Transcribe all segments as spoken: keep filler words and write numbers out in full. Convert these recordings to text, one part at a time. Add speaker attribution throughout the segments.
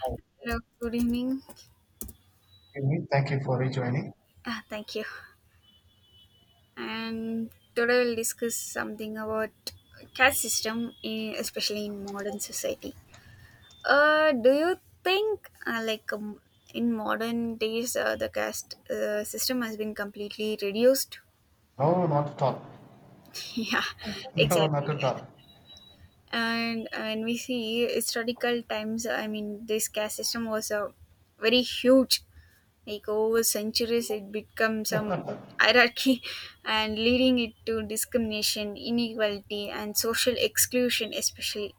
Speaker 1: Okay,
Speaker 2: Hello, good evening.
Speaker 1: thank you for rejoining.
Speaker 2: Ah, thank you. And today we'll discuss something about caste system, in, especially in modern society. Uh, do you think uh, like um, in modern days uh, the caste uh, system has been completely reduced?
Speaker 1: No, not at all.
Speaker 2: Yeah,
Speaker 1: No, not
Speaker 2: exactly.
Speaker 1: at all.
Speaker 2: And uh, when we see historical times, I mean, this caste system was a very huge. Like, over centuries, it becomes some hierarchy and leading it to discrimination, inequality, and social exclusion, especially.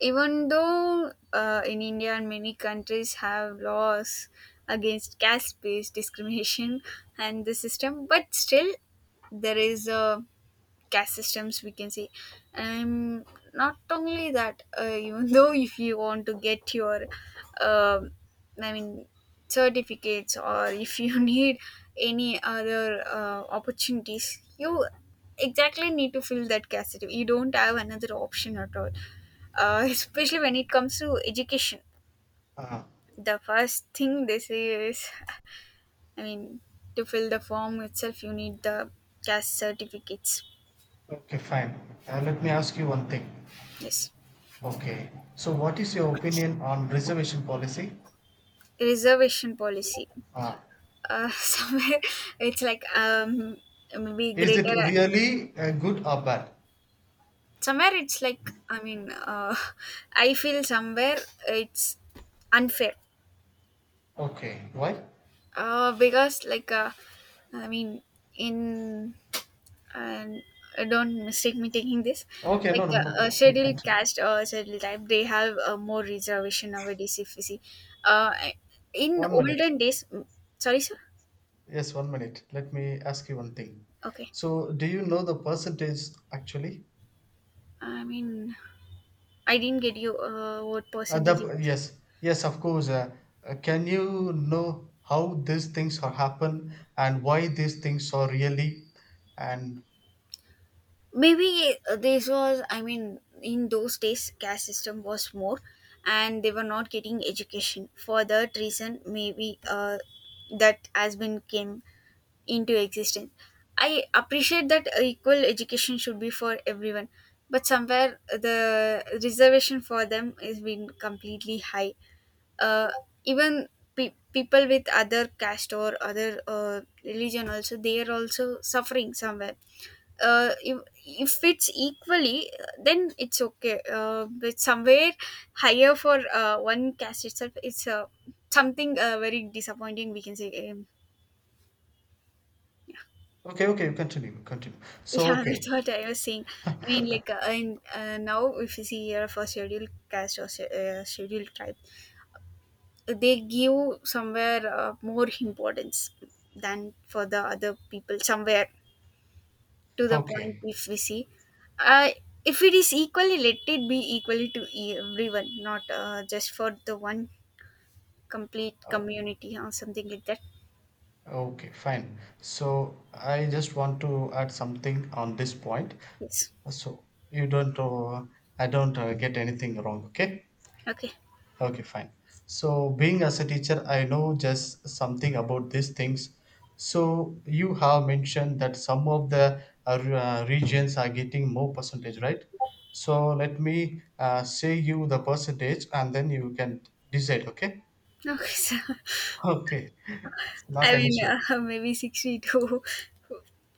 Speaker 2: Even though uh, in India and many countries have laws against caste based discrimination and the system, but still there is a caste systems, we can say, and not only that uh, even though if you want to get your um i mean certificates, or if you need any other uh, opportunities, you exactly need to fill that caste system. You don't have another option at all, uh, especially when it comes to education.
Speaker 1: Uh,
Speaker 2: The first thing they say is, i mean to fill the form itself, you need the caste certificates.
Speaker 1: okay, fine. Uh, let me ask you one thing.
Speaker 2: Yes.
Speaker 1: Okay. So, what is your opinion on reservation policy?
Speaker 2: Reservation policy.
Speaker 1: Uh,
Speaker 2: Uh, somewhere it's like, um, maybe
Speaker 1: is it
Speaker 2: greater.
Speaker 1: really uh, good or bad?
Speaker 2: Somewhere it's like, I mean, uh, I feel somewhere it's unfair.
Speaker 1: Okay. Why?
Speaker 2: Uh, because like uh, I mean, in and uh, don't mistake me taking this,
Speaker 1: Okay. No,
Speaker 2: like
Speaker 1: no, no,
Speaker 2: uh, a
Speaker 1: no. You
Speaker 2: scheduled
Speaker 1: continue.
Speaker 2: caste or scheduled type, they have uh, more reservation nowadays, if you see, uh, in
Speaker 1: One minute.
Speaker 2: olden days. Sorry, sir.
Speaker 1: Yes, one minute. Let me ask you one thing.
Speaker 2: Okay.
Speaker 1: So, do you know the percentage actually?
Speaker 2: I mean, I didn't get you, uh, what
Speaker 1: Uh,
Speaker 2: percentage it
Speaker 1: the,
Speaker 2: was.
Speaker 1: yes, yes, of course. Uh, uh, can you know how these things are happen and why these things are really? And
Speaker 2: Maybe uh, this was, I mean, in those days, caste system was more, and they were not getting education. For that reason, maybe uh, that has been came into existence. I appreciate that uh, equal education should be for everyone, but somewhere the reservation for them has been completely high. uh, even pe- people with other caste or other uh, religion also, they are also suffering somewhere. uh, if, if it's equally, uh, then it's okay, uh, but somewhere higher for uh, one caste itself, it's uh, something uh, very disappointing, we can say. um,
Speaker 1: okay, okay, continue, continue. So
Speaker 2: yeah, that's
Speaker 1: okay,
Speaker 2: what I was saying. I mean, like uh, in, uh, now if you see here, for scheduled caste or sch- uh, scheduled tribe, they give somewhere uh, more importance than for the other people somewhere, to the point,
Speaker 1: okay,
Speaker 2: if we see, uh, if it is equally, let it be equally to e- everyone, not uh, just for the one complete
Speaker 1: o-
Speaker 2: community or something like that.
Speaker 1: okay, fine. So I just want to add something on this point.
Speaker 2: Yes.
Speaker 1: So you don't, uh, I don't uh, get anything wrong. Okay.
Speaker 2: Okay.
Speaker 1: Okay, fine. So, being as a teacher, I know just something about these things. So, you have mentioned that some of the uh, re- uh, regions are getting more percentage, right? So, let me uh, say you the percentage and then you can decide, okay?
Speaker 2: Okay. So,
Speaker 1: Okay,
Speaker 2: I
Speaker 1: not an
Speaker 2: mean,
Speaker 1: issue.
Speaker 2: uh, maybe sixty to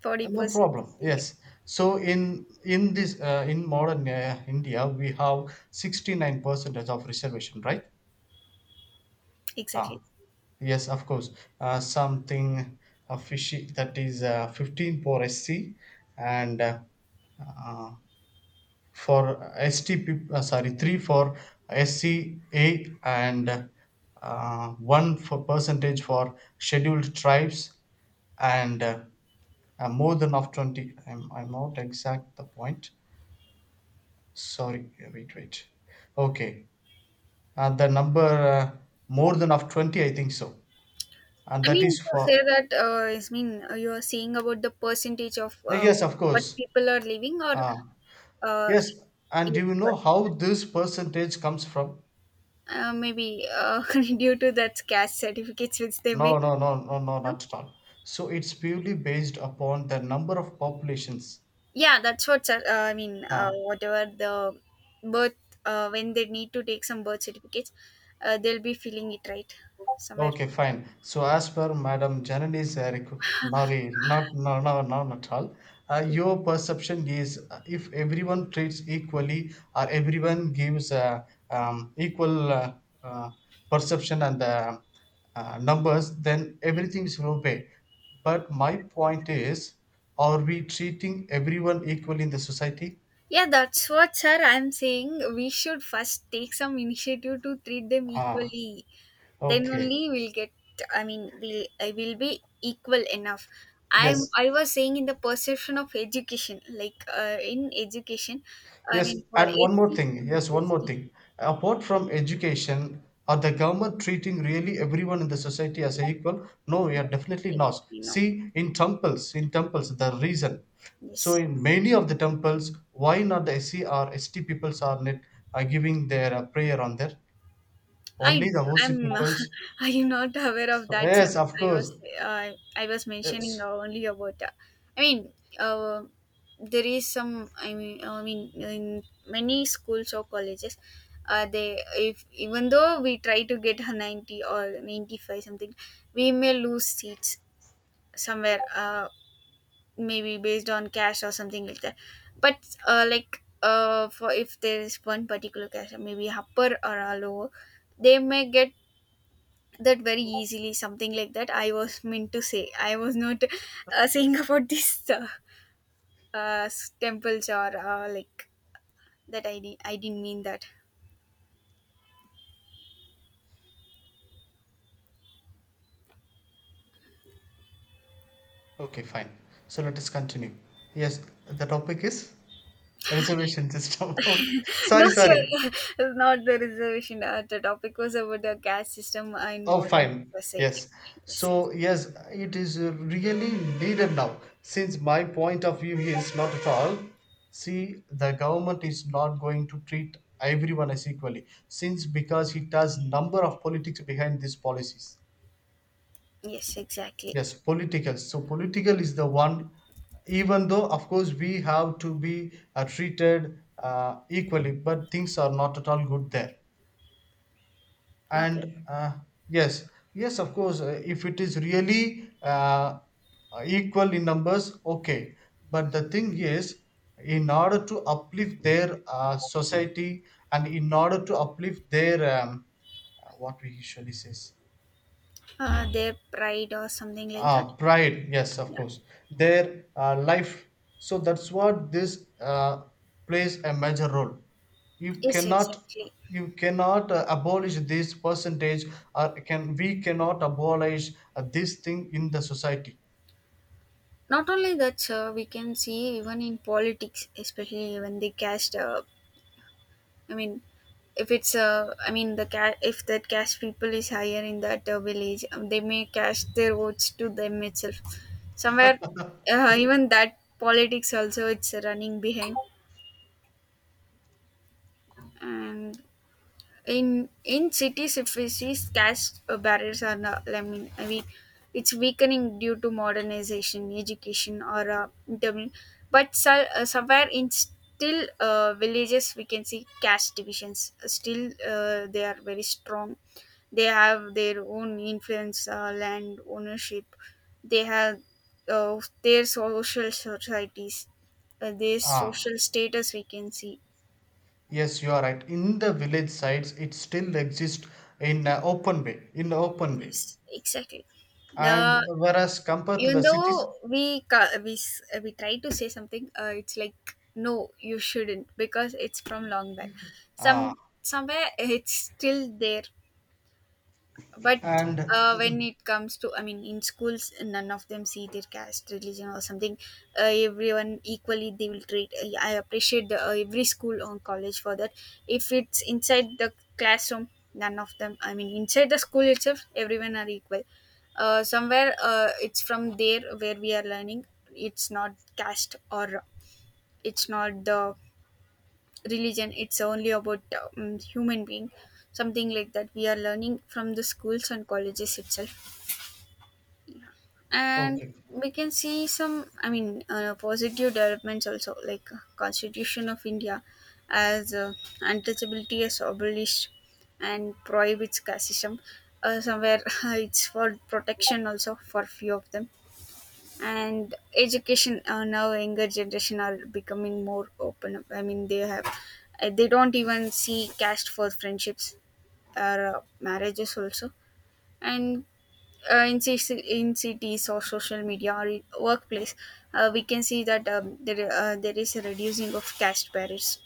Speaker 2: 40
Speaker 1: No
Speaker 2: percent
Speaker 1: problem.
Speaker 2: something like.
Speaker 1: Yes. So, in in this uh, in modern uh, India, we have sixty-nine percent of reservation, right?
Speaker 2: Exactly.
Speaker 1: Ah. Yes, of course. Uh, something uh, fishy, that is uh, fifteen for S C and uh, uh, for S T, peop- uh, sorry, three for S C A and uh, one for percentage for scheduled tribes and uh, uh, more than of twenty. I'm, I'm not exact the point. Sorry, wait, wait. Okay. Uh, the number, uh, more than of twenty, I think so. And
Speaker 2: I
Speaker 1: that
Speaker 2: mean,
Speaker 1: is
Speaker 2: to say
Speaker 1: for,
Speaker 2: that, uh, I mean, uh, you are saying about the percentage of uh,
Speaker 1: yes, of
Speaker 2: what
Speaker 1: course.
Speaker 2: people are living, or
Speaker 1: Uh,
Speaker 2: uh,
Speaker 1: Yes, and
Speaker 2: yeah,
Speaker 1: do you
Speaker 2: but
Speaker 1: know how this percentage comes from?
Speaker 2: uh, maybe uh, due to that cash certificates which they
Speaker 1: No,
Speaker 2: make.
Speaker 1: no, no, no, no,
Speaker 2: No,
Speaker 1: not at all. So it's purely based upon the number of populations.
Speaker 2: yeah, that's what uh, I mean. Uh,
Speaker 1: Uh,
Speaker 2: whatever the birth, uh, when they need to take some birth certificates, uh, they'll be filling it, right, somewhere.
Speaker 1: Okay, fine. So
Speaker 2: Yeah.
Speaker 1: as per Madam Janani's uh, requ- Nari, not no, no, no, not at all. Uh,
Speaker 2: Okay.
Speaker 1: your perception is, uh, if everyone treats equally or everyone gives uh, um, equal uh, uh, perception and uh, uh, numbers, then everything is okay. But my point is, are we treating everyone equally in the society?
Speaker 2: Yeah, that's what, sir, I'm saying. We should first take some initiative to treat them
Speaker 1: Ah,
Speaker 2: equally, then
Speaker 1: okay.
Speaker 2: only we'll get, I mean, we'll I will be equal enough. i'm
Speaker 1: Yes.
Speaker 2: i was saying in the perception of education, like uh, in education, I
Speaker 1: Yes,
Speaker 2: mean, for
Speaker 1: and one
Speaker 2: SC
Speaker 1: more thing.
Speaker 2: and
Speaker 1: Yes, one more
Speaker 2: ST.
Speaker 1: thing. Apart from education, are the government treating really everyone in the society as a equal? No, we
Speaker 2: No,
Speaker 1: are definitely not.
Speaker 2: exactly. No.
Speaker 1: See, in temples, in temples, the reason. So,
Speaker 2: Yes.
Speaker 1: in many of the temples, why not the S C or S T peoples are not are giving their uh, prayer on there? Only
Speaker 2: I
Speaker 1: the O C
Speaker 2: am,
Speaker 1: peoples.
Speaker 2: I am not aware of
Speaker 1: So,
Speaker 2: that, sir.
Speaker 1: yes, of
Speaker 2: I
Speaker 1: course.
Speaker 2: was uh, I was mentioning
Speaker 1: Yes.
Speaker 2: only about. Uh, I mean, uh, there is some. I mean, I mean, in many schools or colleges, uh, they if even though we try to get a ninety or ninety five, something, we may lose seats somewhere. Uh, maybe based on cash or something like that. But uh, like uh, for if there is one particular cash, maybe upper or a lower, they may get that very easily, something like that, I was meant to say. I was not uh, saying about this uh, uh, s- temples or uh, like that. I, di- I didn't mean that.
Speaker 1: Okay, fine. So let us continue. Yes, the topic is reservation system.
Speaker 2: No,
Speaker 1: Sorry, sorry.
Speaker 2: sure. It's not the reservation, uh, the topic was about the caste system in
Speaker 1: Oh,
Speaker 2: modern
Speaker 1: fine.
Speaker 2: society.
Speaker 1: Yes.
Speaker 2: Yes, ex-
Speaker 1: So, yes, it is uh, really needed now. Since my point of view is not at all, see, the government is not going to treat everyone as equally. Since because it has number of politics behind these policies.
Speaker 2: yes, exactly.
Speaker 1: Yes, political. So, political is the one, even though, of course, we have to be uh, treated uh, equally, but things are not at all good there.
Speaker 2: Okay.
Speaker 1: and uh, yes, yes, of course, uh, if it is really uh, uh, equal in numbers, okay. But the thing is, in order to uplift their uh, society and in order to uplift their um, uh, what we usually says.
Speaker 2: Uh, their pride or something like that.
Speaker 1: Ah, pride. Yes, of
Speaker 2: Yeah.
Speaker 1: course. Their uh, life. So that's what this uh, plays a major role. You
Speaker 2: Yes,
Speaker 1: cannot,
Speaker 2: exactly.
Speaker 1: you cannot uh, abolish this percentage, or can we cannot abolish uh, this thing in the society.
Speaker 2: Not only that, sir, we can see even in politics, especially when they cast, uh, I mean, if it's uh, I mean the ca- if that cash people is higher in that uh, village, um, they may cash their votes to them itself. Somewhere, uh, even that politics also it's running behind, and in in cities, if we see, cash uh, barriers are not, I mean, I mean, it's weakening due to modernization, education, or uh, intermin- but so, uh, somewhere, in still uh, villages, we can see caste divisions. Uh, still uh, they are very strong. They have their own influence, uh, land ownership. They have uh, their social societies, uh, their
Speaker 1: Ah,
Speaker 2: social status, we can see.
Speaker 1: yes, you are right. In the village sites, it still exists in an open way, in the open way,
Speaker 2: Yes, exactly.
Speaker 1: and
Speaker 2: The,
Speaker 1: whereas compared to
Speaker 2: even
Speaker 1: the cities,
Speaker 2: though we ca- we s- uh, we try to say something, uh, it's like, no, you shouldn't, because it's from long back.
Speaker 1: ah,
Speaker 2: Some, somewhere it's still there. But
Speaker 1: and
Speaker 2: uh, when
Speaker 1: mm,
Speaker 2: it comes to, I mean, in schools, none of them see their caste, religion or something. Uh, everyone equally they will treat. i I appreciate the, uh, every school or college, for that. If it's inside the classroom, none of them, I mean, inside the school itself, everyone are equal. Uh, somewhere uh, it's from there where we are learning, it's not caste, or it's not the religion, it's only about, um, human being, something like that we are learning from the schools and colleges itself. And
Speaker 1: okay.
Speaker 2: we can see some, I mean, uh, positive developments also, like uh, Constitution of India, as uh, untouchability is abolished and prohibits casteism. Uh, somewhere it's for protection also for few of them. And education, uh, now younger generation are becoming more open up. I mean, they have uh, they don't even see caste for friendships or uh, marriages also. And uh, in, ci- in cities or social media or in workplace, uh, we can see that, um, there, uh, there is a reducing of caste barriers.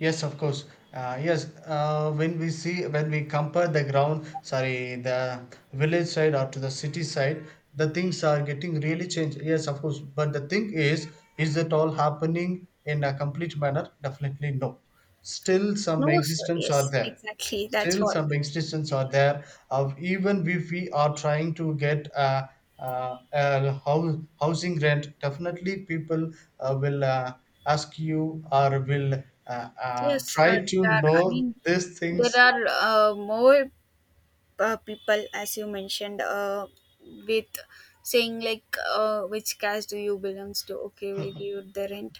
Speaker 1: Yes, of course. Uh, yes, uh, when we see when we compare the ground, sorry, the village side or to the city side, the things are getting really changed. Yes, of course. But the thing is, is it all happening in a complete manner? Definitely no. Still, some
Speaker 2: No, sir,
Speaker 1: existence are
Speaker 2: yes,
Speaker 1: there.
Speaker 2: exactly, that's
Speaker 1: Still,
Speaker 2: what.
Speaker 1: some restrictions are there. Of even if we are trying to get a, a, a house, housing rent, definitely people uh, will, uh, ask you or will uh, uh,
Speaker 2: Yes, uh,
Speaker 1: try to
Speaker 2: there are, I
Speaker 1: know
Speaker 2: mean,
Speaker 1: these
Speaker 2: there
Speaker 1: things.
Speaker 2: are uh, more uh, people, as you mentioned, uh, with saying like, uh, which caste do you belongs to, okay, we'll give you the rent,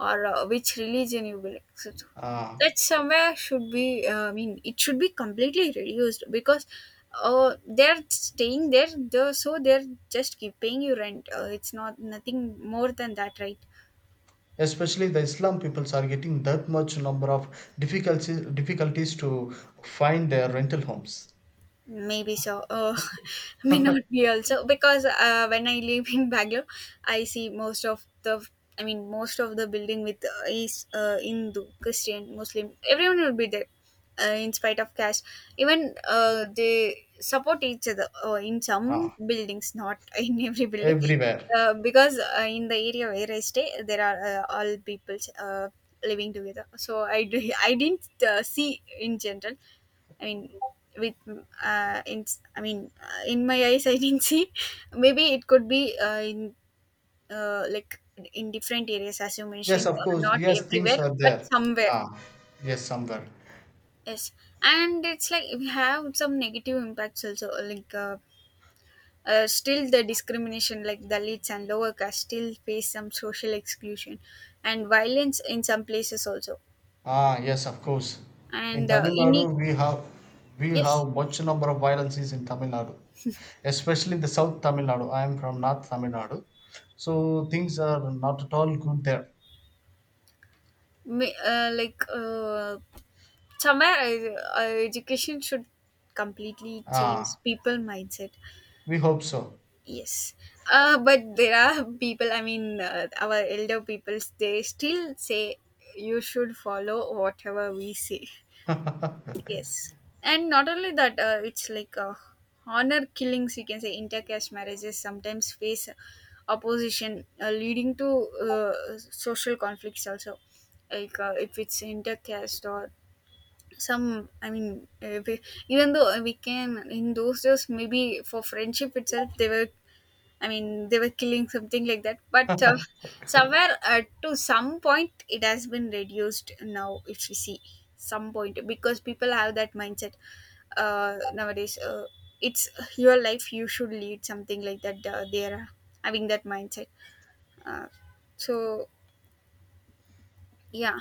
Speaker 2: or uh, which religion you belong to.
Speaker 1: Uh,
Speaker 2: That somewhere should be uh, I mean, it should be completely reduced, because uh, they're staying there though, so they're just keep paying you rent, uh, it's not, nothing more than that, right?
Speaker 1: especially the Islam peoples are getting that much number of difficulties difficulties to find their rental homes.
Speaker 2: Maybe so. Oh, may not be also, because uh, when I live in Bangalore, I see most of the, I mean, most of the building with uh, is uh, Hindu, Christian, Muslim. Everyone will be there, uh, in spite of caste. Even uh, they support each other uh, in some
Speaker 1: Ah,
Speaker 2: buildings, not in every building,
Speaker 1: everywhere.
Speaker 2: uh, because uh, in the area where I stay, there are uh, all peoples uh, living together. So I do, I didn't uh, see in general, I mean, with uh, in I mean, uh, in my eyes, I didn't see. Maybe it could be uh, in uh, like in different areas, as you
Speaker 1: Yes,
Speaker 2: mentioned,
Speaker 1: of
Speaker 2: or
Speaker 1: course.
Speaker 2: not
Speaker 1: Yes, things
Speaker 2: everywhere,
Speaker 1: are
Speaker 2: but
Speaker 1: there.
Speaker 2: somewhere.
Speaker 1: Ah, yes, somewhere.
Speaker 2: Yes, and it's like we have some negative impacts also, like. Uh, uh, still the discrimination, like dalits and lower caste, still face some social exclusion and violence in some places also.
Speaker 1: Ah, yes, of course. In
Speaker 2: And uh,
Speaker 1: Tamil Nadu,
Speaker 2: ini-
Speaker 1: we have we
Speaker 2: yes.
Speaker 1: have much number of violences in Tamil Nadu, especially in the South Tamil Nadu. I am from North Tamil Nadu, so things are not at all good there.
Speaker 2: Ma- uh, like uh, Somewhere I, uh, education should completely change
Speaker 1: Ah,
Speaker 2: people mindset.
Speaker 1: we hope so.
Speaker 2: Yes, uh, but there are people, I mean, uh, our elder people, they still say you should follow whatever we say. Yes, and not only that, uh, it's like uh, honor killings. You can say intercaste marriages sometimes face opposition, uh, leading to uh, social conflicts also. Like uh, if it's intercaste or some, I mean, uh, we, even though we can, in those days, maybe for friendship itself, they were, I mean, they were killing, something like that. But uh, somewhere uh, to some point, it has been reduced now, if you see, some point, because people have that mindset uh, nowadays. Uh, it's your life, you should lead, something like that. Uh, they are having that mindset. Uh, so, yeah.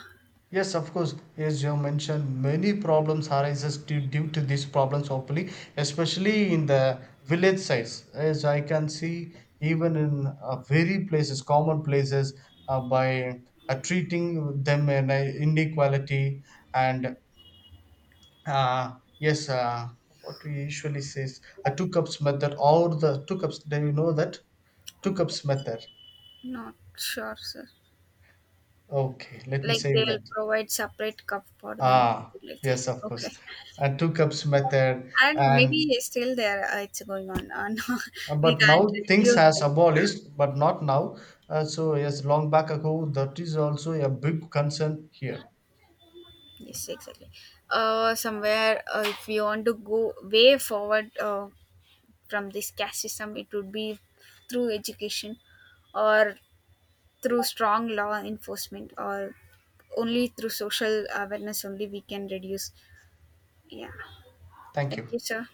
Speaker 1: Yes, of course. As you mentioned, many problems arises due, due to these problems. Hopefully, especially in the village sides, as I can see, even in uh, very places, common places, uh, by uh, treating them in a inequality and uh, yes, uh, what we usually say is a two cups method or the two cups. Do you know that two cups method?
Speaker 2: Not sure, sir.
Speaker 1: Okay, let me
Speaker 2: Like,
Speaker 1: say you
Speaker 2: they'll
Speaker 1: that.
Speaker 2: provide separate cup for them,
Speaker 1: Ah,
Speaker 2: something like that.
Speaker 1: yes, of course.
Speaker 2: Okay.
Speaker 1: And two cups method,
Speaker 2: And maybe
Speaker 1: and
Speaker 2: still there uh, it's going on. Uh, no,
Speaker 1: uh,
Speaker 2: we
Speaker 1: but
Speaker 2: can't
Speaker 1: now things
Speaker 2: reduce
Speaker 1: has
Speaker 2: that.
Speaker 1: abolished, but not now. Uh, so yes, long back ago, that is also a big concern here.
Speaker 2: Yes, exactly. Uh, somewhere, uh, if we want to go way forward uh, from this caste system, it would be through education, or through strong law enforcement, or only through social awareness, only we can reduce. Yeah.
Speaker 1: Thank
Speaker 2: Thank
Speaker 1: you.
Speaker 2: you, sir.